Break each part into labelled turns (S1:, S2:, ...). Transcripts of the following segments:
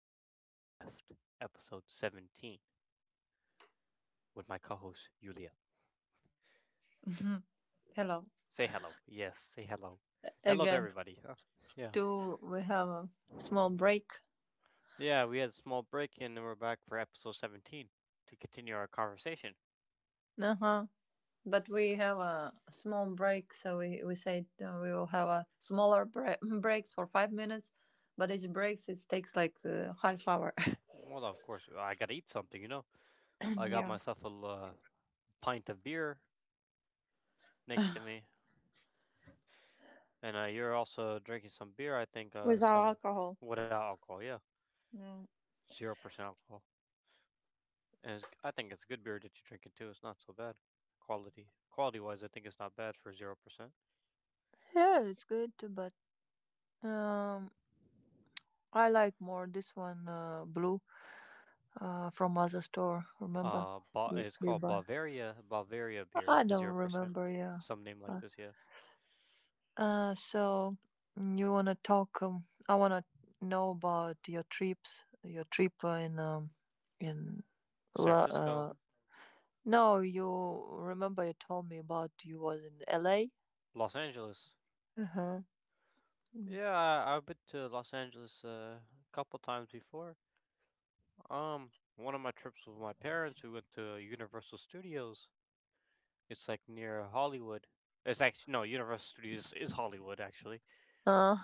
S1: Talk Podcast, episode 17, with my co host, Yulia.
S2: Mhm. Hello
S1: Say hello. Yes, say hello. Hello to
S2: again.
S1: everybody. Huh? Yeah.
S2: Do we have a small break?
S1: Yeah, we had a small break and then we're back for episode 17 to continue our conversation.
S2: Uh huh. But we have a small break, so we said we will have a smaller breaks for 5 minutes, but each breaks it takes like half hour.
S1: Well, of course, I gotta eat something, you know? I got
S2: yeah.
S1: myself a pint of beer next to me, and you're also drinking some beer, I think,
S2: Without
S1: some
S2: alcohol.
S1: without alcohol, yeah.
S2: Yeah,
S1: 0% alcohol. And I think it's good beer that you're drinking too. It's not so bad. Quality wise, I think it's not bad for 0%.
S2: yeah, it's good too, but um, I like more this one blue from other store. Remember?
S1: It's
S2: We
S1: called
S2: buy.
S1: Bavaria beer,
S2: I
S1: zero
S2: don't
S1: percent.
S2: remember. Yeah.
S1: Some name like this, yeah.
S2: Uh, so you wanna talk? I wanna know about your trips, your trip in in
S1: San
S2: La-
S1: Francisco,
S2: uh, no, you remember you told me about you was in LA.
S1: Los Angeles.
S2: Uh-huh. Mm.
S1: Yeah, I've been to Los Angeles a couple times before. One of my trips with my parents, we went to Universal Studios. It's like near Hollywood. It's actually no, Universal Studios is Hollywood actually,
S2: Uh,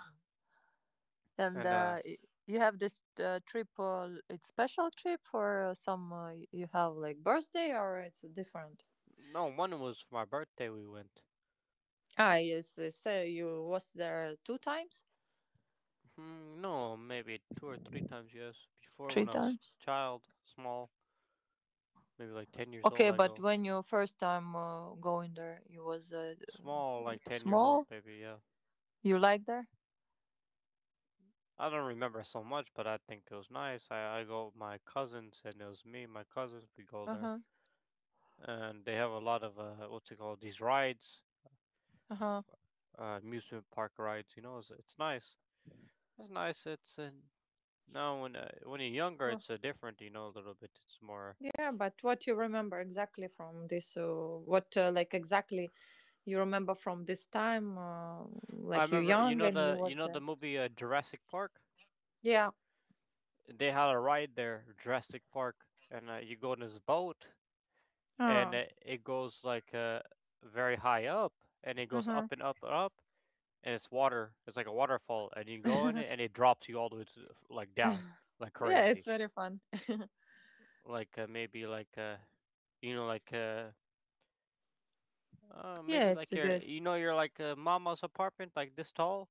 S2: and
S1: and
S2: uh, y- you have this trip. It's special trip for some. You have like birthday or it's different.
S1: no, one was for my birthday we went.
S2: Ah, yes. So you was there two times?
S1: Hmm, no, maybe two or three times, yes. Before, when
S2: Three
S1: I was
S2: times.
S1: child, small, maybe like 10 years old,
S2: Okay,
S1: I
S2: but
S1: go.
S2: when you first time going there, you was
S1: Small, like 10 years old,
S2: small.
S1: maybe, yeah.
S2: You like there?
S1: I don't remember so much, but I think it was nice. I go with my cousins, and it was me and my cousins, we go
S2: Uh
S1: there.
S2: huh.
S1: And they have a lot of, what's it called, these rides,
S2: Uh huh.
S1: amusement park rides, it's nice. It's nice, it's, and now when you're younger,
S2: Well,
S1: it's different, you know, a little bit. It's more,
S2: yeah, but what you remember exactly from this? What like exactly you remember from this time?
S1: I
S2: Like you
S1: remember,
S2: young and you
S1: you
S2: was
S1: know the
S2: there.
S1: movie Jurassic Park?
S2: Yeah.
S1: They had a ride there, Jurassic Park, and you go on this boat, and
S2: Ah.
S1: it goes like very high up, and it
S2: Uh
S1: goes
S2: huh.
S1: up and up and up, and it's water. It's like a waterfall, and you go in it, and it drops you all the way to the like down, like
S2: Yeah, it's
S1: crazy,
S2: very fun.
S1: like maybe like like
S2: Yeah,
S1: maybe
S2: it's
S1: like your,
S2: good.
S1: your like mama's apartment, like this tall,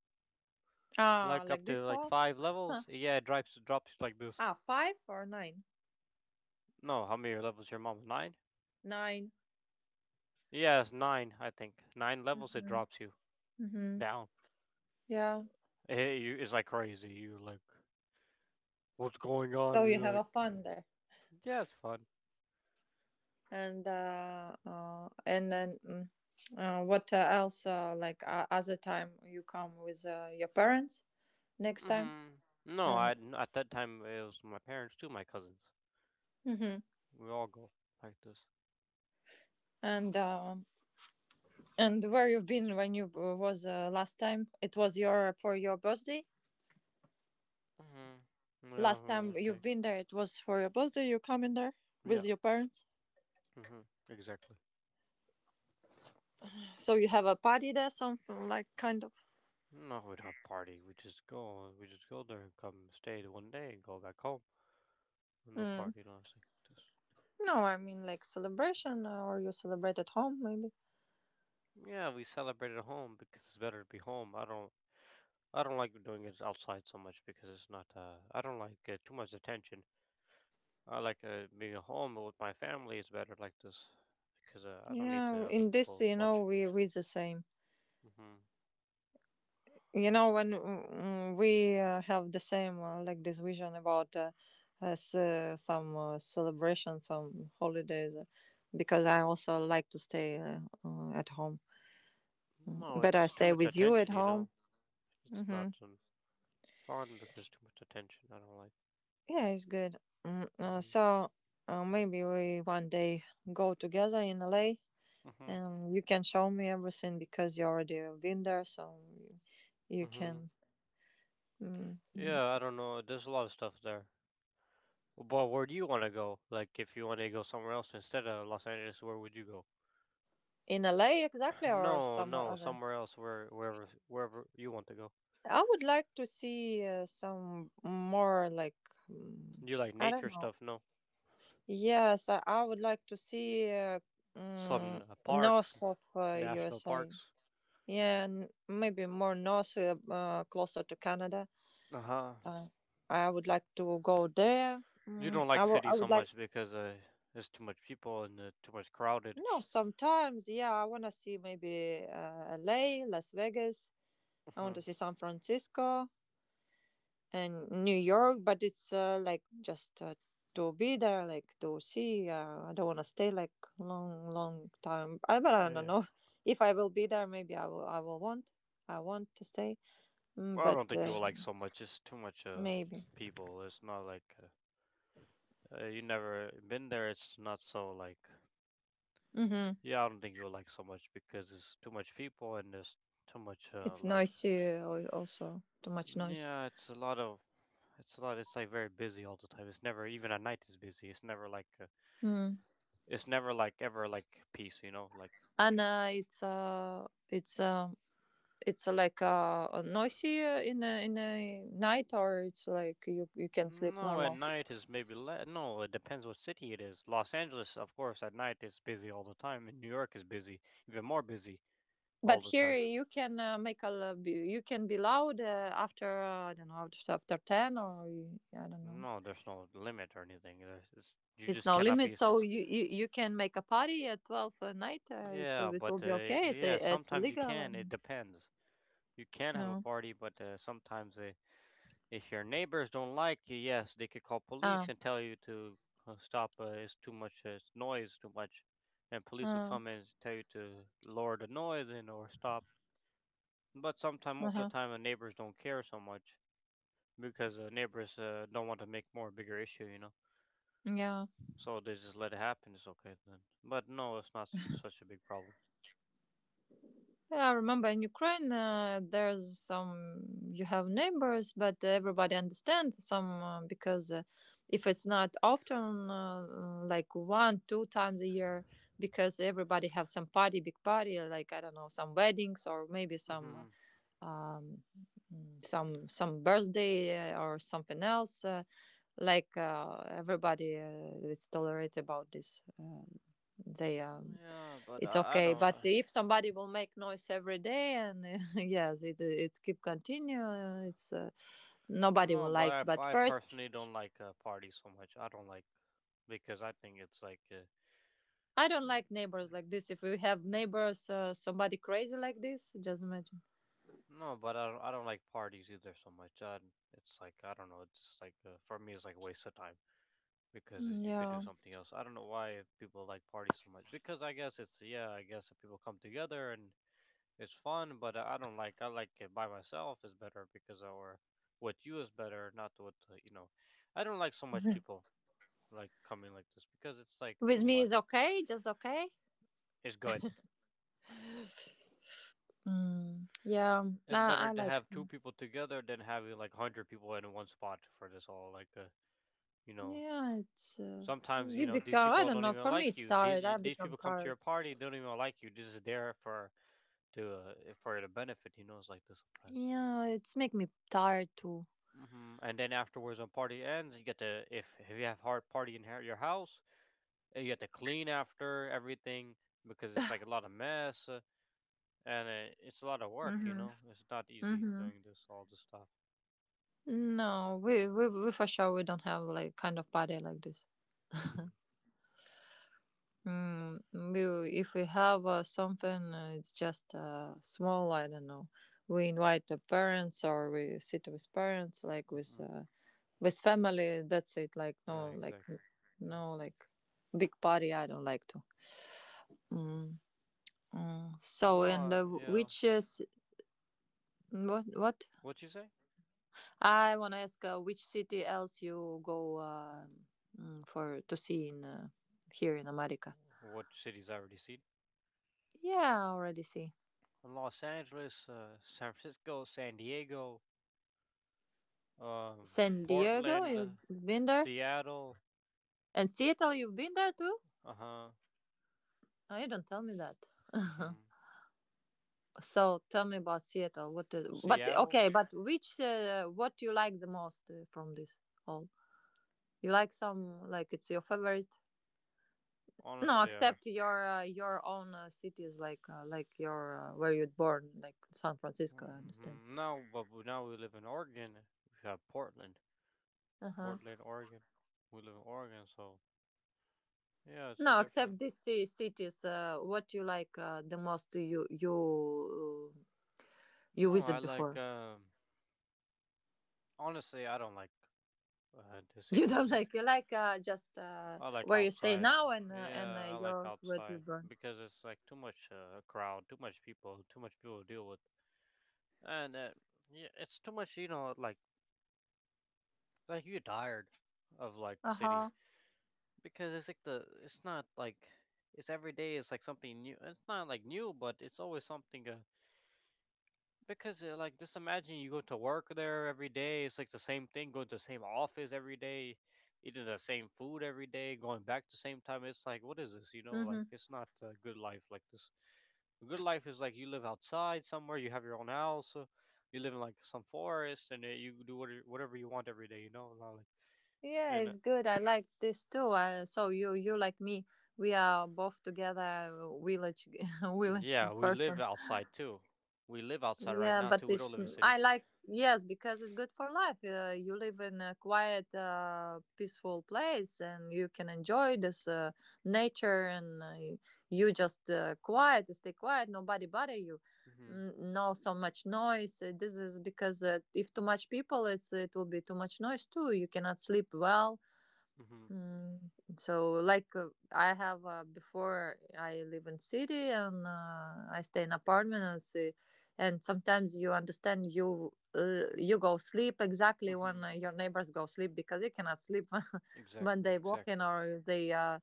S2: Ah,
S1: like
S2: like
S1: up
S2: this
S1: to like
S2: tall?
S1: five
S2: Huh.
S1: levels. Yeah, it drops like this.
S2: Ah, five or nine?
S1: No, how many levels your mom, nine?
S2: Nine.
S1: Yes, nine, I think. Nine levels it
S2: Mm-hmm.
S1: drops you
S2: Mm-hmm.
S1: down.
S2: Yeah.
S1: Eh, you, it's like crazy. You're like, what's going
S2: So
S1: on? And
S2: you
S1: you're
S2: have a
S1: like,
S2: fun there.
S1: yeah, it's fun.
S2: and uh, uh and then mm, what else other time you come with your parents next time
S1: Hmm. No,
S2: and
S1: at that time, it was my parents too, my cousins.
S2: hmm
S1: We all go like this.
S2: and where you've been when you was last time it was your for your birthday
S1: Hmm. Yeah,
S2: last
S1: for
S2: time
S1: a
S2: you've
S1: day.
S2: been there it was for your birthday you come in there with
S1: Yeah,
S2: your parents
S1: hmm exactly.
S2: so you have a party there something like kind of
S1: No, we don't party. We just go. We just go there and come stay one day and go back home. No
S2: mm.
S1: party, no nothing like this.
S2: No I mean like celebration, or you celebrate at home maybe
S1: Yeah, we celebrate at home because it's better to be home. I don't. I don't like doing it outside so much because it's not. I don't like too much attention. I like being at home with my family. It's better like this because I don't need to
S2: yeah
S1: other
S2: in this
S1: people to
S2: you know
S1: watch.
S2: we the same.
S1: Hmm.
S2: You know, when mm, we have the same like this vision about some celebration, some holidays, because I also like to stay at home.
S1: No,
S2: Better I
S1: it's too
S2: stay
S1: much
S2: with you at
S1: attention. You
S2: home.
S1: know, it's not
S2: Hmm.
S1: fun because too much attention. I don't like.
S2: Yeah, it's good. Mm, uh,
S1: Hmm.
S2: so maybe we one day go together in LA,
S1: Hmm.
S2: and you can show me everything because you already been there, so you
S1: Hmm.
S2: can mm,
S1: Yeah, I don't know. There's a lot of stuff there. But where do you want to go? Like, if you want to go somewhere else instead of Los Angeles, where would you go?
S2: in LA exactly or
S1: No,
S2: somewhere
S1: no,
S2: other.
S1: somewhere else, where wherever you want to go.
S2: I would like to see some more like mm,
S1: You like
S2: I don't
S1: nature
S2: know.
S1: stuff, no?
S2: Yes, I would like to see
S1: Some
S2: mm, north
S1: parks,
S2: of
S1: national
S2: USA.
S1: parks.
S2: Yeah, maybe more north, closer to Canada.
S1: Uh huh.
S2: Uh, I would like to go there.
S1: You don't like
S2: I I
S1: cities
S2: would
S1: so
S2: like
S1: much because it's too much people and too much crowded.
S2: no. Sometimes, yeah, I want to see maybe LA, Las Vegas. I want
S1: Hmm.
S2: to see San Francisco. And New York, but it's like just to be there, like to see. I don't want to stay like long, long time. I, but I don't
S1: Yeah.
S2: know if I will be there. Maybe I will. I will want. I want to stay. Mm,
S1: Well, I
S2: but
S1: don't think you will like so much. It's too much
S2: maybe.
S1: people. It's not like you never been there. It's not so like.
S2: Hmm.
S1: Yeah, I don't think you'll like so much because it's too much people and there's too much
S2: It's
S1: like.
S2: noisy also. Too much noise.
S1: Yeah, it's a lot of. It's a lot. It's like very busy all the time. It's never even at night. It's busy. It's never like.
S2: Mm.
S1: It's never like ever like peace, you know. Like
S2: And it's it's. It's like noisy in a night, or it's like you can sleep
S1: no, at
S2: normal.
S1: night is maybe no. It depends what city it is. Los Angeles, of course, at night is busy all the time, and New York is busy, even more busy all
S2: But
S1: the
S2: here
S1: time.
S2: you can make a you can be loud after I don't know after after ten or you, I don't know.
S1: No, there's no limit or anything. There's it's, you
S2: It's
S1: just
S2: no
S1: cannot be.
S2: limit, so you can make a party at 12 at night. It's
S1: Yeah,
S2: it
S1: but
S2: will be okay.
S1: yeah,
S2: It's
S1: sometimes you
S2: legal. I
S1: can. It
S2: mean,
S1: depends. You can
S2: you
S1: have a
S2: know.
S1: party, but sometimes if your neighbors don't like you, yes, they could call
S2: Uh,
S1: police and tell you to stop. It's too much it's noise, too much, and police will
S2: uh,
S1: come and tell you to lower the noise and or stop. But sometimes, most of
S2: uh-huh.
S1: the time, the neighbors don't care so much because the neighbors don't want to make more bigger issue, you know.
S2: Yeah.
S1: So they just let it happen. It's okay then. But no, it's not such a big problem.
S2: Yeah, I remember in Ukraine, there's some, you have neighbors, but everybody understands some because if it's not often, like one, two times a year, because everybody have some party, big party, like, I don't know, some weddings or maybe some,
S1: Hmm.
S2: uh, um, some birthday or something else. Like everybody is tolerate about this. They, um,
S1: Yeah, but
S2: it's
S1: I
S2: okay
S1: don't.
S2: but if somebody will make noise every day and yes it's keep continue it's nobody
S1: No,
S2: will likes
S1: but
S2: but
S1: I
S2: first
S1: personally don't like parties so much. I don't like because I think it's like.
S2: I don't
S1: Yeah,
S2: like neighbors like
S1: yeah.
S2: this if we have neighbors somebody crazy like this just imagine
S1: No, but I don't like parties either so much. I, it's like I don't know. It's just like for me, it's like a waste of time because you could do
S2: yeah
S1: something else. I don't know why people like parties so much because I guess it's, yeah. I guess if people come together and it's fun, but I don't like. I like it by myself is better, because or with you is better, not with. I don't like so much people like coming like this because it's like
S2: with
S1: too
S2: me is
S1: much.
S2: okay just okay
S1: It's good,
S2: mm, yeah
S1: it's better
S2: I
S1: to
S2: like
S1: have two people together than having like 100 people in one spot for this all like you know,
S2: yeah it's
S1: sometimes you
S2: it
S1: know these
S2: become I
S1: people
S2: don't
S1: don't
S2: know
S1: even
S2: for me
S1: like
S2: it's
S1: you.
S2: tired I
S1: These
S2: become
S1: people come to your
S2: tired
S1: party, they don't even like you. This is there for to for the benefit. You know, it's like this sometimes.
S2: yeah it's make me tired too.
S1: Hmm. And then afterwards, when party ends, you get to, if you have hard party in your house, you have to clean after everything because it's like a lot of mess, and it's a lot of work. You
S2: Mm-hmm.
S1: know, it's not easy
S2: Mm-hmm.
S1: doing this all this stuff.
S2: No, we for sure we don't have like kind of party like this.
S1: Hmm.
S2: Mm, we if we have something, it's just small. I don't know. We invite the parents or we sit with parents, like
S1: Hmm.
S2: with family. That's it. Like
S1: Yeah,
S2: no,
S1: exactly. Yeah.
S2: no, like big party. I don't like to. Mm, mm. So
S1: No,
S2: and
S1: yeah.
S2: which is what what?
S1: What you say?
S2: I want to ask which city else you go for to see in here in America?
S1: What cities I already seen?
S2: Yeah, I already see
S1: Los Angeles, San Francisco, San Diego, um,
S2: San Diego.
S1: Portland,
S2: You've been there,
S1: Seattle.
S2: and Seattle. You've been there too.
S1: Uh huh.
S2: Oh, you don't tell me that.
S1: Hmm.
S2: So tell me about Seattle. What is? But
S1: Seattle.
S2: okay, but which? What you like the most from this all? You like some like it's your favorite? No,
S1: Honestly,
S2: except your own cities like your where you're born, like San Francisco. I understand.
S1: now, now we live in Oregon. We have Portland,
S2: Uh-huh.
S1: Portland, Oregon. We live in Oregon, so yeah, it's a
S2: No,
S1: different.
S2: except these cities, what you like the most you
S1: No, I
S2: visit
S1: like.
S2: before?
S1: Honestly, I don't like the
S2: You
S1: cities.
S2: don't like you like just
S1: I like
S2: where you stay
S1: outside.
S2: now and
S1: Yeah, I like
S2: your what you
S1: outside
S2: born.
S1: because it's like too much crowd, too much people to deal with. And yeah, it's too much. You know, like you're tired of like
S2: Uh
S1: city
S2: huh.
S1: because it's like the it's not like it's every day. It's like something new. It's not like new, but it's always something. Because like, just imagine you go to work there every day. It's like the same thing, going to the same office every day, eating the same food every day, going back the same time. It's like what is this? You know, like
S2: Mhm.
S1: it's not a good life like this. A good life is like you live outside somewhere, you have your own house, you live in like some forest, and you do whatever you want every day. You know, not like.
S2: Yeah,
S1: And
S2: it's good. I like this too. So you you like me, we are both together village village
S1: yeah, we live
S2: person.
S1: outside too. We live outside right
S2: Yeah,
S1: now
S2: but
S1: too. We don't
S2: it's
S1: live in city.
S2: I like yes because it's good for life. You live in a quiet, peaceful place, and you can enjoy this nature. And you just quiet, you stay quiet. Nobody bother you.
S1: Mhm.
S2: No, so much noise. This is because if too much people, it's it will be too much noise too. You cannot sleep well.
S1: Mhm.
S2: Mm, so like uh, I have before I live in city and I stay in apartment and see, and sometimes you understand you go sleep exactly when
S1: Mhm.
S2: your neighbors go sleep because you cannot sleep when
S1: Exactly.
S2: they walk in
S1: Exactly.
S2: or they uh,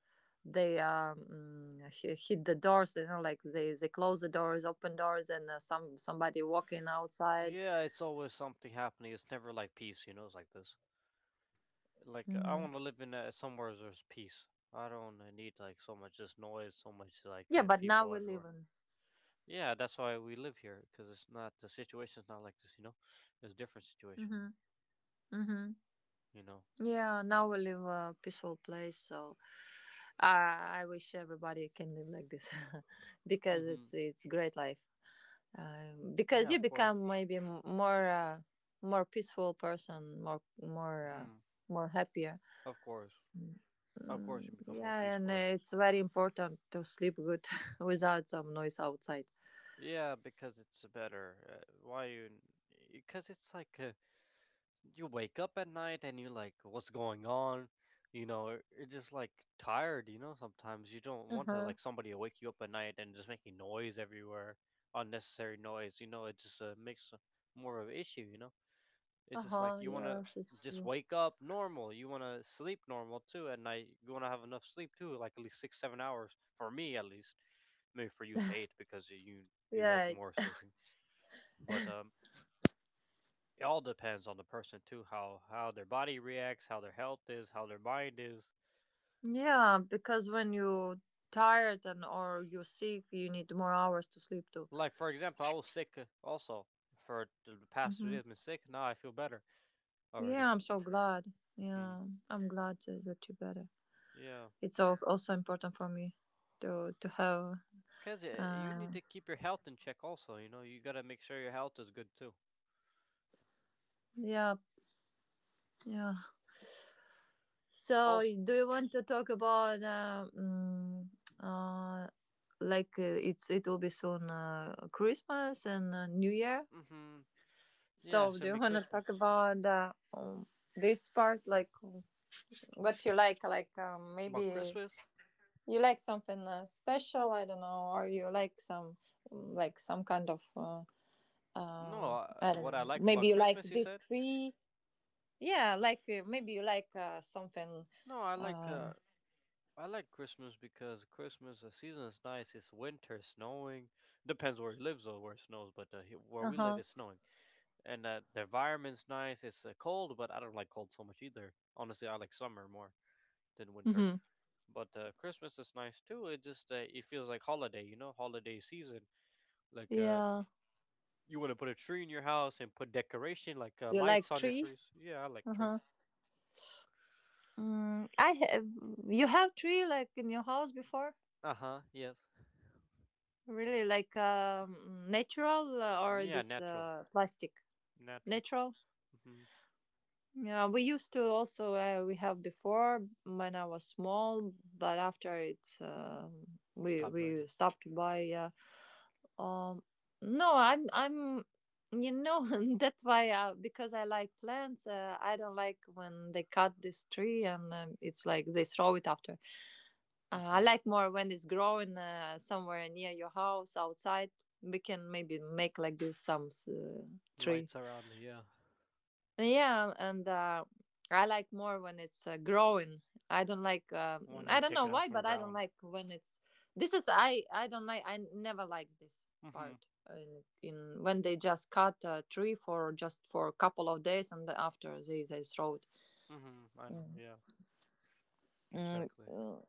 S2: they um, hi- hit the doors you know like they close the doors open doors and somebody walking outside.
S1: Yeah, it's always something happening. It's never like peace, you know. It's like this. Like I
S2: Hmm.
S1: want to live in somewhere there's peace. I don't need like so much just noise, so much like
S2: Yeah, but now
S1: people
S2: we live
S1: everywhere.
S2: in
S1: Yeah, that's why we live here because it's not the situation's not like this, you know. There's different situation here,
S2: hmm hmm.
S1: you know.
S2: Yeah, now we live a peaceful place, so I wish everybody can live like this because
S1: Hmm.
S2: it's great life. Because
S1: Yeah,
S2: you
S1: of course.
S2: become maybe more more peaceful person, more
S1: Hmm.
S2: more happier.
S1: Of course, of course,
S2: Mm,
S1: you become more
S2: yeah, and
S1: peaceful. Like
S2: it's very important to sleep good without some noise outside.
S1: yeah, because it's better. Why you? Because it's like. You wake up at night and you're like, what's going on? You know, you're just like tired, sometimes you don't
S2: Uh
S1: want to
S2: huh.
S1: like somebody to wake you up at night and just making noise everywhere, unnecessary noise, it just makes more of an issue, you know.
S2: Uh
S1: It's just like
S2: huh.
S1: you want to
S2: Yes, it's
S1: just
S2: true.
S1: wake up normal. You want to sleep normal too at night. You want to have enough sleep too, like at least six, 7 hours for me at least. Maybe for you it's eight because you
S2: Yeah.
S1: like
S2: It,
S1: more sleeping. But it all depends on the person too, how their body reacts, how their health is, how their mind is.
S2: yeah, because when you tired and or you're sick, you need more hours to sleep too.
S1: Like for example, I was sick also for the past three
S2: Hmm.
S1: days. I've been sick. Now I feel better
S2: Yeah,
S1: already.
S2: I'm so glad.
S1: Hmm.
S2: Yeah, I'm that you better.
S1: Yeah,
S2: It's also also important for me to have.
S1: because you
S2: Uh,
S1: need to keep your health in check also. You know, you gotta make sure your health is good too.
S2: yeah, yeah. So,
S1: Also.
S2: do you want to talk about uh, like it's it will be soon Christmas and New Year?
S1: Hmm. Yeah,
S2: So, do
S1: send
S2: you
S1: me
S2: want to talk
S1: Christmas.
S2: about this part, like what you like
S1: About
S2: maybe
S1: Christmas?
S2: you like something special? I don't know, or you like some mm, like some kind of
S1: No,
S2: I don't
S1: what I
S2: know.
S1: like about
S2: Maybe you like
S1: Christmas, you
S2: this
S1: said?
S2: tree. Yeah, like maybe you like something.
S1: No, I like.
S2: Uh
S1: I like Christmas because Christmas the season is nice. It's winter, snowing. Depends where he lives or where it snows, but where we live,
S2: huh.
S1: it's snowing, and the environment's nice. It's cold, but I don't like cold so much either. Honestly, I like summer more than winter.
S2: Mm-hmm.
S1: But Christmas is nice too. It just it feels like holiday, you know, holiday season. Like
S2: Yeah.
S1: you want to put a tree in your house and put decoration like
S2: You
S1: lights
S2: like
S1: on your
S2: tree?
S1: trees. Yeah, I like
S2: Uh
S1: tree.
S2: huh. Mm, I have. You have tree like in your house before?
S1: Uh huh. Yes.
S2: Really, like natural or
S1: Yeah,
S2: this
S1: natural,
S2: plastic?
S1: natural.
S2: Natural.
S1: Hmm.
S2: Yeah, we used to also we have before when I was small, but after it's we
S1: Stop
S2: we
S1: doing
S2: stopped to buy. Um, no, I'm you know that's why because I like plants. I don't like when they cut this tree and it's like they throw it after.
S1: it.
S2: I
S1: Hmm.
S2: like more when it's growing somewhere near your house outside. We can maybe make like this some tree.
S1: Lights are on, yeah.
S2: Yeah, and I like more when it's growing. I don't like.
S1: When
S2: I
S1: you
S2: don't
S1: take
S2: know
S1: it off
S2: why,
S1: from
S2: but I don't
S1: ground.
S2: like when it's. This is I. I don't like. I never liked this
S1: Mm-hmm.
S2: part. In when they just cut a tree for just for a couple of days, and after they throw it.
S1: Mm-hmm. I know,
S2: Mm.
S1: yeah.
S2: Mm,
S1: Exactly.
S2: mm,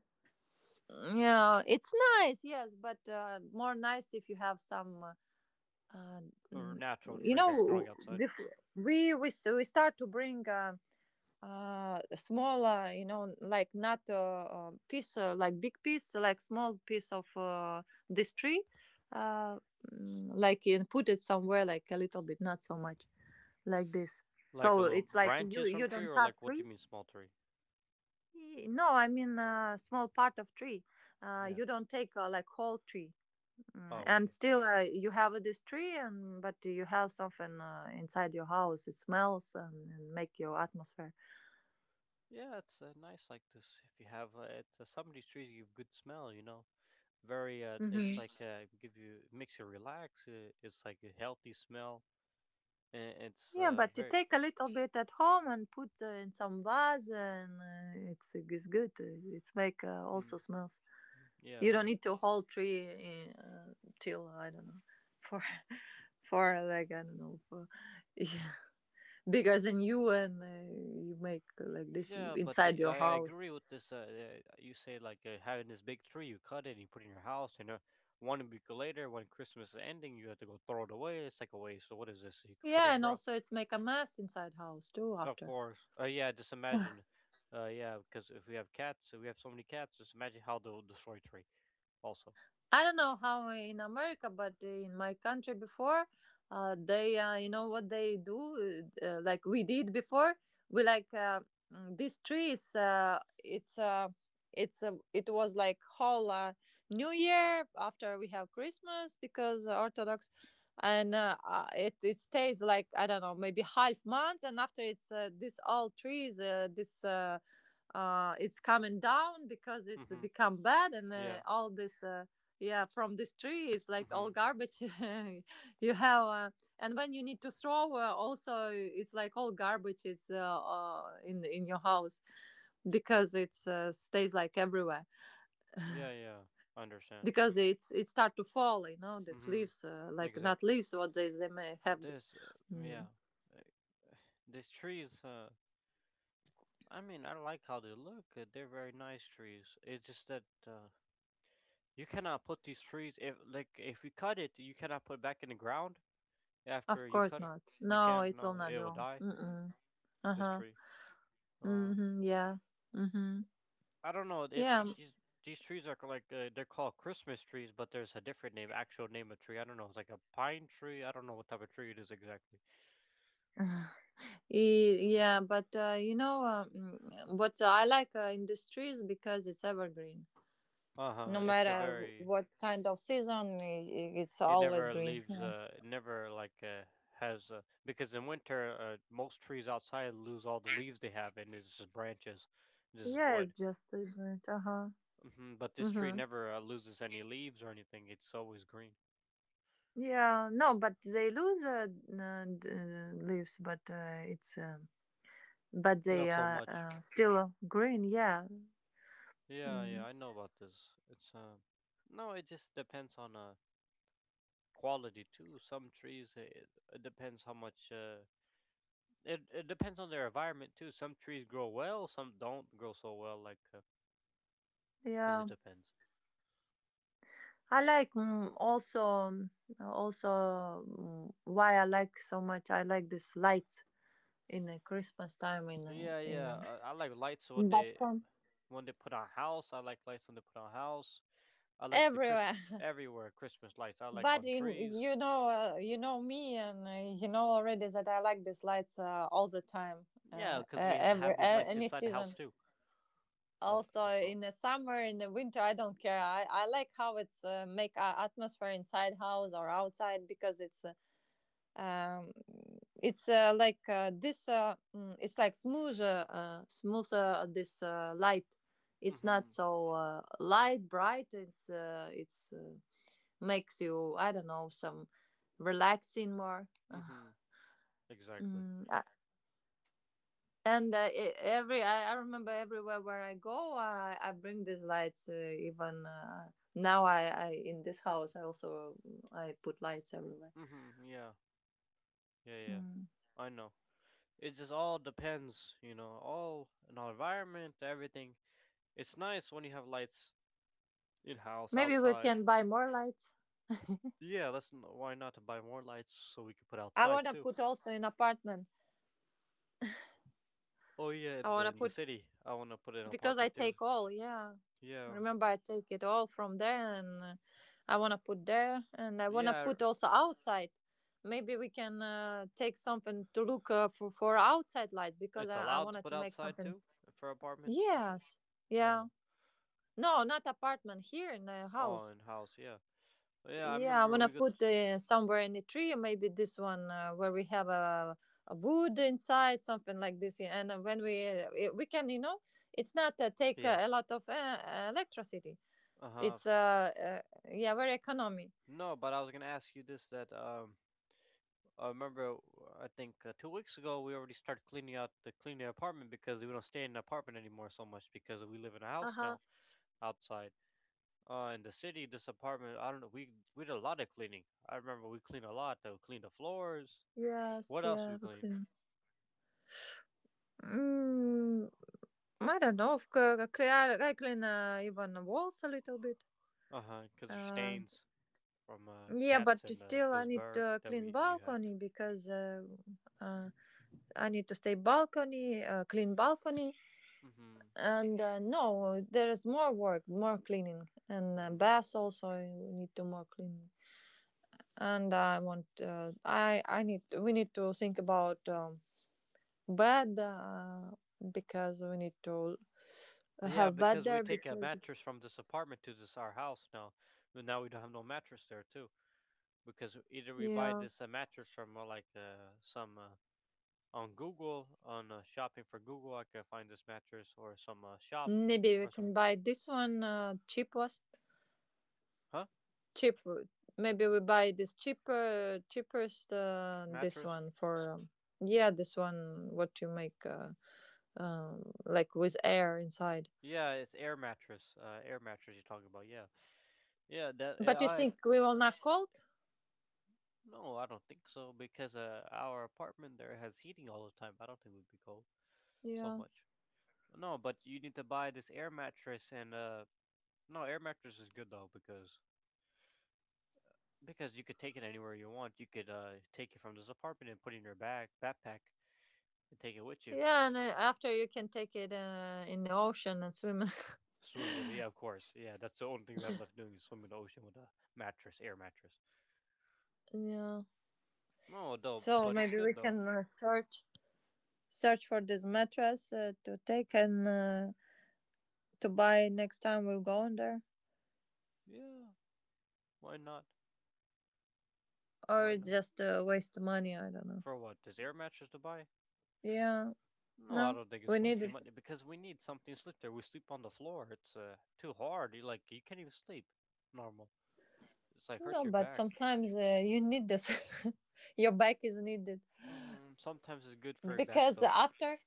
S2: yeah, it's nice, yes, but more nice if you have some. Uh,
S1: Or a
S2: mm,
S1: natural
S2: you
S1: tree that's
S2: know,
S1: growing outside.
S2: before we start to bring. Smaller, like not a piece, like big piece, like small piece of this tree, uh like, and put it somewhere like a little bit, not so much like this.
S1: Like a
S2: So
S1: little
S2: it's like you
S1: branches from tree
S2: don't
S1: or
S2: cut
S1: like what do
S2: tree.
S1: you mean small tree?
S2: No, I mean small part of tree.
S1: Yeah.
S2: You don't take like whole tree. Mm,
S1: Oh,
S2: and
S1: okay.
S2: still you have this tree, and but you have something inside your house. It smells, and make your atmosphere.
S1: Yeah, it's nice like this. If you have it, some of these trees give good smell, you know. Very, it's
S2: Hmm.
S1: like give you makes you relax. It's like a healthy smell. And it's
S2: Yeah, but you
S1: very,
S2: take a little bit at home and put in some vase, and it's good. It's make
S1: mm
S2: also smells.
S1: yeah,
S2: You don't
S1: yeah.
S2: need to whole tree in, till I don't know, for for, like, I don't know, for yeah, bigger than you, and you make like this
S1: Yeah, but
S2: inside
S1: I,
S2: your
S1: I agree
S2: house.
S1: with this. You say like having this big tree, you cut it and you put it in your house, and one week later, when Christmas is ending, you have to go throw it away. It's like a waste. So what is this? You could put it
S2: Yeah,
S1: in
S2: and
S1: ground.
S2: also it's make a mess inside house too
S1: Of
S2: after.
S1: course. Yeah, just imagine. Yeah, because if we have cats, if we have so many cats. Just imagine how they'll destroy tree. Also.
S2: I don't know how in America, but in my country before, they, what they do, like we did before. We like, this tree is, it was like whole, New Year after we have Christmas because Orthodox, and it stays like I don't know, maybe half month, and after it's, this all trees, this. It's coming down because it's
S1: Mm-hmm.
S2: become bad, and
S1: Yeah.
S2: all this. Yeah, from this tree it's like all
S1: Mm-hmm.
S2: garbage you have. And when you need to throw, also it's like all garbage is, in your house, because it stays like everywhere,
S1: Yeah. Yeah. I understand.
S2: because it's it start to fall, you know, these
S1: Mm-hmm.
S2: leaves, like not
S1: Exactly.
S2: leaves, what they may have this.
S1: This. Yeah.
S2: Mm.
S1: Uh, This tree is. I mean, I like how they look. They're very nice trees. It's just that you cannot put these trees if you cut it, you cannot put it back in the ground
S2: Of
S1: after you
S2: course
S1: cut 'em.
S2: not.
S1: You
S2: No,
S1: can't.
S2: it will
S1: No,
S2: not
S1: it will
S2: grow.
S1: die.
S2: Mm-mm.
S1: This
S2: Uh-huh.
S1: tree. Uh,
S2: Mm-hmm. Yeah. Mm-hmm.
S1: I don't know. It
S2: yeah
S1: these these trees are like they're called Christmas trees, but there's a different name, actual name of tree. I don't know. It's like a pine tree. I don't know what type of tree it is exactly.
S2: Y- yeah, but what I like, industry is because it's evergreen.
S1: Uh
S2: No
S1: huh. It's a
S2: matter
S1: very.
S2: what kind of season, it's
S1: It
S2: always
S1: never
S2: green.
S1: leaves.
S2: Yeah,
S1: It never like has because in winter, most trees outside lose all the leaves they have, and it's just branches, just
S2: yeah,
S1: wood.
S2: it's just different. Uh huh.
S1: But this tree
S2: Mm-hmm.
S1: never loses any leaves or anything. It's always green.
S2: Yeah, no, but they lose, leaves, but it's but they
S1: Not so
S2: are
S1: much.
S2: still green. Yeah,
S1: Yeah, yeah,
S2: mm,
S1: I know about this. It's No, it just depends on quality too. Some trees, it depends how much. It depends on their environment too. Some trees grow well, some don't grow so well. Like it
S2: yeah.
S1: just depends.
S2: I like, also, why I like so much. I like this lights in a Christmas time,
S1: Yeah, yeah. I like lights when
S2: but
S1: they
S2: from
S1: put on house. I like lights when they put on house. I like the
S2: everywhere.
S1: Christmas everywhere. Christmas lights. I like
S2: But
S1: on
S2: in
S1: trees.
S2: you know, you know me, and you know already that I like these lights all the time,
S1: Yeah, because we have have these lights
S2: any
S1: inside the house
S2: season.
S1: too.
S2: Also
S1: Also.
S2: in the summer, in the winter, I don't care. I like how it's make a atmosphere inside house or outside, because it's, um, like, it's like smoother, smoother this light. It's not
S1: Mm-hmm.
S2: so light bright. It's it's makes you, I don't know, some relaxing more.
S1: Mm-hmm. Exactly.
S2: Mm, and e- every I remember everywhere where I go, I bring these lights. Even Now, I, in this house, I also, I put lights everywhere.
S1: Mm-hmm. Yeah. Yeah. Yeah.
S2: Mm.
S1: I know. It just all depends, all in our environment, everything. It's nice when you have lights in house,
S2: Maybe we
S1: outside.
S2: can buy more lights.
S1: Yeah, that's why not to buy more lights so we can put
S2: I
S1: outside
S2: want to
S1: too.
S2: put also in apartment.
S1: Oh yeah,
S2: I
S1: in
S2: want
S1: the
S2: to
S1: in the
S2: put,
S1: city, I want to put in an
S2: because I
S1: apartment too.
S2: take all. Yeah,
S1: Yeah,
S2: remember, I take it all from there, and I want to put there, and I want to
S1: yeah,
S2: put also outside. Maybe we can take something to look for outside lights, because
S1: it's
S2: I
S1: allowed to
S2: wanted
S1: put
S2: to make
S1: outside
S2: something.
S1: too for apartments.
S2: Yes.
S1: Uh,
S2: Yeah. No, not apartment, here in the
S1: oh,
S2: house.
S1: in house, yeah, yeah. I
S2: Yeah, I
S1: remember
S2: wanna
S1: we got,
S2: put somewhere in the tree, or maybe this one, where we have a wood inside, something like this. Yeah, and when we, we can, you know, it's not take
S1: yeah.
S2: a lot of electricity.
S1: Uh huh.
S2: It's Yeah, very economy.
S1: No, but I was gonna ask you this that I remember I think 2 weeks ago we already started cleaning out the cleaning apartment because we don't stay in an apartment anymore so much because we live in a
S2: Uh
S1: house
S2: huh.
S1: now outside. In the city, this apartment, I don't know. We did a lot of cleaning. I remember we cleaned a lot, though. Cleaned the floors.
S2: Yes,
S1: What else we
S2: yeah, we
S1: clean?
S2: clean. Mm, I don't know. Of course, I clean, even the walls a little bit.
S1: Uh huh. Because there's
S2: Uh,
S1: stains from
S2: yeah, but
S1: cats and
S2: still, I
S1: this
S2: need
S1: bird
S2: to
S1: that
S2: clean
S1: we you had.
S2: balcony, because, uh, I need to stay balcony, clean balcony,
S1: Mm-hmm.
S2: and no, there is more work, more cleaning, and
S1: Mm-hmm.
S2: baths also. I need to more cleaning, and I want. I I need. We need to think about, bed, because we need to
S1: Yeah,
S2: have bed
S1: because we
S2: there
S1: take a
S2: because,
S1: mattress from this apartment to this our house now, but now we don't have no mattress there too. Because either we buy
S2: yeah,
S1: this mattress from like some on Google on shopping for Google, I can find this mattress or some shop
S2: maybe we
S1: or some
S2: can buy this one, cheapest
S1: huh
S2: cheap. Maybe we buy this cheaper cheapest this
S1: mattress.
S2: one for. Yeah, this one, what you make, like, with air inside.
S1: Yeah, it's air mattress. Air mattress you're talking about. Yeah, yeah. That, yeah,
S2: But you
S1: I.
S2: think we will not cold?
S1: No, I don't think so because our apartment there has heating all the time. I don't think we would be cold so
S2: Yeah.
S1: much. No, but you need to buy this air mattress and no, air mattress is good though because you could take it anywhere you want. You could take it from this apartment and put it in your bag backpack and take it with you.
S2: Yeah, and after you can take it in the ocean and swim.
S1: Swim with it, yeah, of course. Yeah, that's the only thing we have left doing is swim in the ocean with a mattress, air mattress.
S2: Yeah.
S1: No, though,
S2: So
S1: but it's
S2: maybe we
S1: good though.
S2: can search for this mattress to take, and to buy next time we'll go in there,
S1: Yeah, why not? Why
S2: or
S1: not?
S2: just waste money. I don't know.
S1: For what? There's air mattress to buy?
S2: Yeah.
S1: No, I
S2: No,
S1: don't think
S2: we
S1: it's
S2: need
S1: wasting
S2: it.
S1: money because we need something to sleep there. We sleep on the floor. It's too hard. You, like, you can't even sleep normal. It's like hurts
S2: No,
S1: your
S2: but
S1: back.
S2: sometimes you need this. Your bike is needed,
S1: Sometimes it's good for your back
S2: because
S1: though.
S2: after,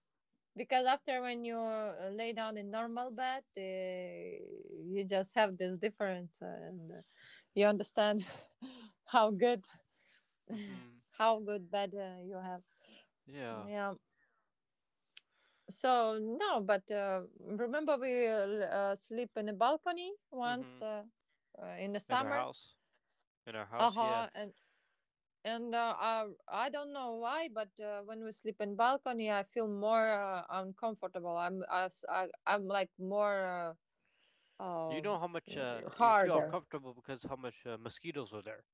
S2: because after, when you lay down in normal bed, you just have this difference, and you understand how good,
S1: Hmm.
S2: how good bed you have.
S1: Yeah.
S2: Yeah. So, no, but remember, we, sleep in a balcony
S1: hmm
S2: once, in the
S1: In our
S2: summer.
S1: house, in our house, yeah.
S2: Uh-huh. And I don't know why, but when we sleep in balcony, I feel more uncomfortable. I am like more,
S1: You know
S2: um
S1: how much you feel
S2: harder.
S1: uncomfortable because how much mosquitoes were there.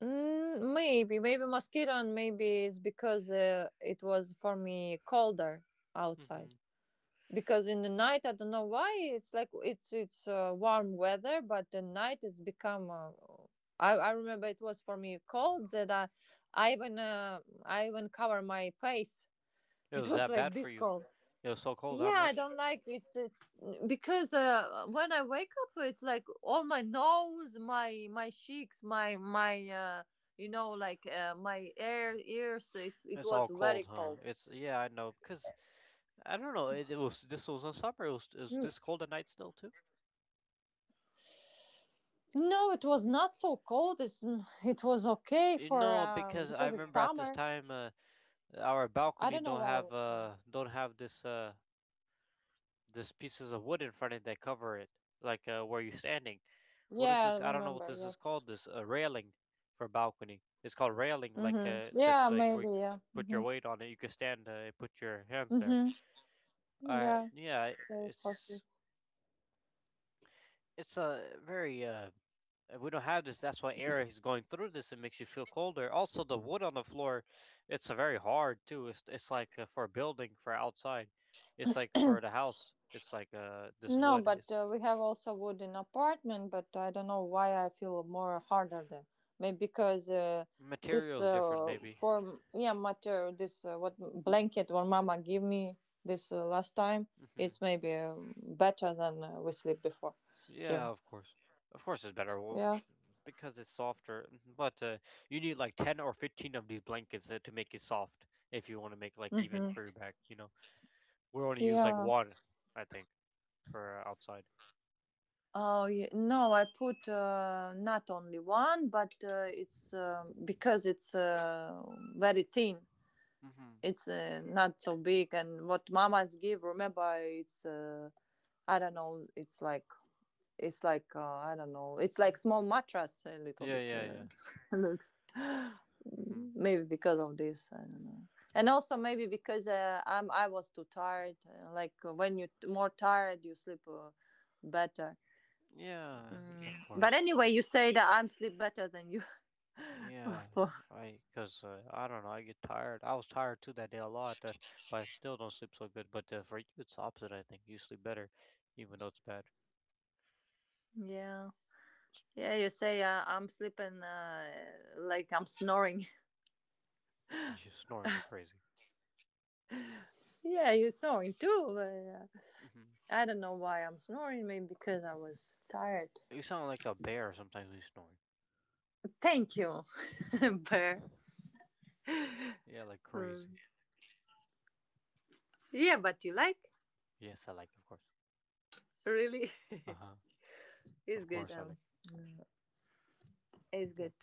S2: Mm, maybe, maybe mosquito, and maybe it's because it was for me colder outside,
S1: hmm
S2: because in the night, I don't know why, it's like it's warm weather, but the night it's become, I remember it was for me cold, that I even, I even cover my face.
S1: It
S2: It
S1: was
S2: was
S1: that
S2: like
S1: bad for
S2: this
S1: you.
S2: cold.
S1: It was so cold. How
S2: Yeah, I
S1: much?
S2: don't like, it's because, when I wake up, it's like all my nose, my cheeks, my you know, like, my air
S1: F-
S2: ears, it
S1: It's all
S2: was very
S1: cold, huh?
S2: cold.
S1: It's yeah, I know because I don't know. It was this was in summer. It was
S2: N-
S1: this cold at night still too.
S2: No, it was not so cold. It was okay,
S1: You
S2: for
S1: know,
S2: um,
S1: because I
S2: because it's
S1: remember at this
S2: summer.
S1: time, our
S2: I
S1: balcony
S2: don't know
S1: don't
S2: why I
S1: have
S2: was cold.
S1: uh don't have this pieces of wood in front of it that cover it, like where you're standing. What is
S2: Yeah, I
S1: this? I don't know what
S2: remember.
S1: this is
S2: Yes.
S1: called. This railing for balcony. It's called railing. Like
S2: Mhm. Yeah,
S1: that's like where you
S2: maybe. Yeah.
S1: put your
S2: Mhm.
S1: weight on it. You can stand and put your hands there.
S2: Mhm. Yeah.
S1: Yeah,
S2: Say for.
S1: it's a very if we don't have this, that's why air is going through this. It makes you feel colder. Also, the wood on the floor, it's very hard too. It's like for a building, for outside, it's like for the house. It's like this
S2: No,
S1: wood.
S2: but
S1: It's
S2: we have also wood in apartment, but I don't know why I feel more harder there. Maybe because, this
S1: material is different maybe.
S2: form, yeah, material, this what blanket, what mama gave me, this, last time,
S1: Hmm.
S2: it's maybe, better than we sleep before
S1: Yeah,
S2: here.
S1: of course it's better
S2: Yeah.
S1: because it's softer. Mm-hmm. But you need like 10 or 15 of these blankets to make it soft if you want to make like even
S2: Mm-hmm.
S1: for your back. You know, we only use like
S2: Yeah.
S1: one, I think, for outside.
S2: Oh, yeah. No, I put not only one, but it's because it's very thin.
S1: Hmm.
S2: It's not so big. And what mamas give, remember, it's, I don't know, it's like, I don't know, it's like small mattress a little
S1: Yeah,
S2: bit,
S1: yeah, yeah.
S2: looks
S1: Hmm.
S2: maybe because of this, I don't know. And also maybe because, I'm I was too tired, like, when you more tired you sleep, better.
S1: Yeah, of
S2: Mm. But
S1: course.
S2: anyway, you say that I'm sleep better than you.
S1: Yeah,
S2: For,
S1: I because I don't know. I get tired. I was tired too that day a lot. That, but I still don't sleep so good. But for you, it's the opposite. I think you sleep better, even though it's bad.
S2: Yeah,
S1: S-
S2: yeah you say, I'm sleeping, like I'm snoring.
S1: You're snoring like crazy.
S2: Yeah, you snoring too. But
S1: hmm
S2: I don't know why I'm snoring. Maybe because I was tired.
S1: You sound like a bear sometimes when you snore.
S2: Thank you. Bear.
S1: Yeah, like
S2: Um,
S1: crazy.
S2: yeah, but you like
S1: Yes, I like. Of course.
S2: really?
S1: Uh huh.
S2: It's
S1: Of
S2: good.
S1: course, I like.
S2: It's
S1: Oh.
S2: good.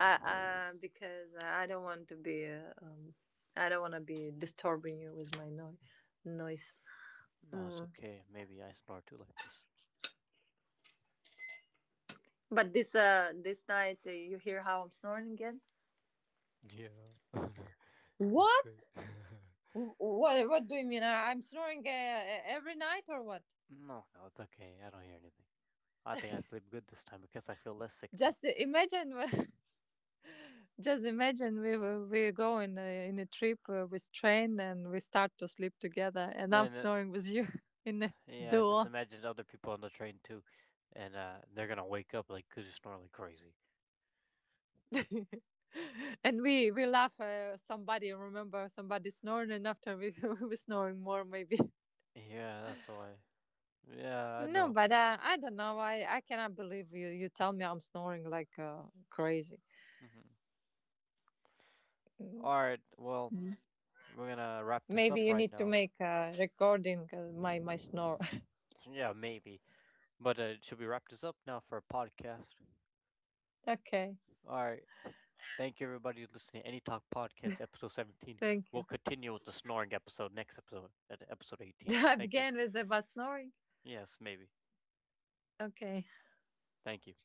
S2: Because I don't want to be. I don't want to be disturbing you with my noise.
S1: No, it's
S2: Mm.
S1: okay. Maybe I snore too like this.
S2: But this, uh, this night, you hear how I'm snoring again?
S1: Yeah, it's good.
S2: What? What? What do you mean? I'm snoring every night, or what?
S1: No, no, it's okay. I don't hear anything. I think I sleep good this time because I feel less sick now.
S2: Just imagine, just imagine we we go in a trip with train, and we start to sleep together, and I'm
S1: And
S2: snoring with you in the
S1: yeah, just
S2: door.
S1: imagine other people on the train too, and they're gonna wake up like 'cause you snore like crazy.
S2: And we laugh. Somebody, remember, somebody snoring, and after we we were snoring more maybe.
S1: Yeah, that's why. Yeah, I
S2: No,
S1: know.
S2: but I don't know. I cannot believe you. You tell me I'm snoring like crazy.
S1: Mhm.
S2: Mm.
S1: All right, well,
S2: Mm.
S1: we're gonna wrap this
S2: Maybe
S1: up
S2: you
S1: right
S2: need to
S1: now.
S2: make a recording my my snore.
S1: Yeah, maybe. But should we wrap this up now for a podcast?
S2: Okay,
S1: All right. Thank you, everybody, who's listening to Any Talk Podcast, episode 17.
S2: thank you.
S1: We'll continue with the snoring episode next episode, at episode 18.
S2: I
S1: Thank you.
S2: began with about snoring.
S1: Yes, maybe.
S2: Okay.
S1: Thank you.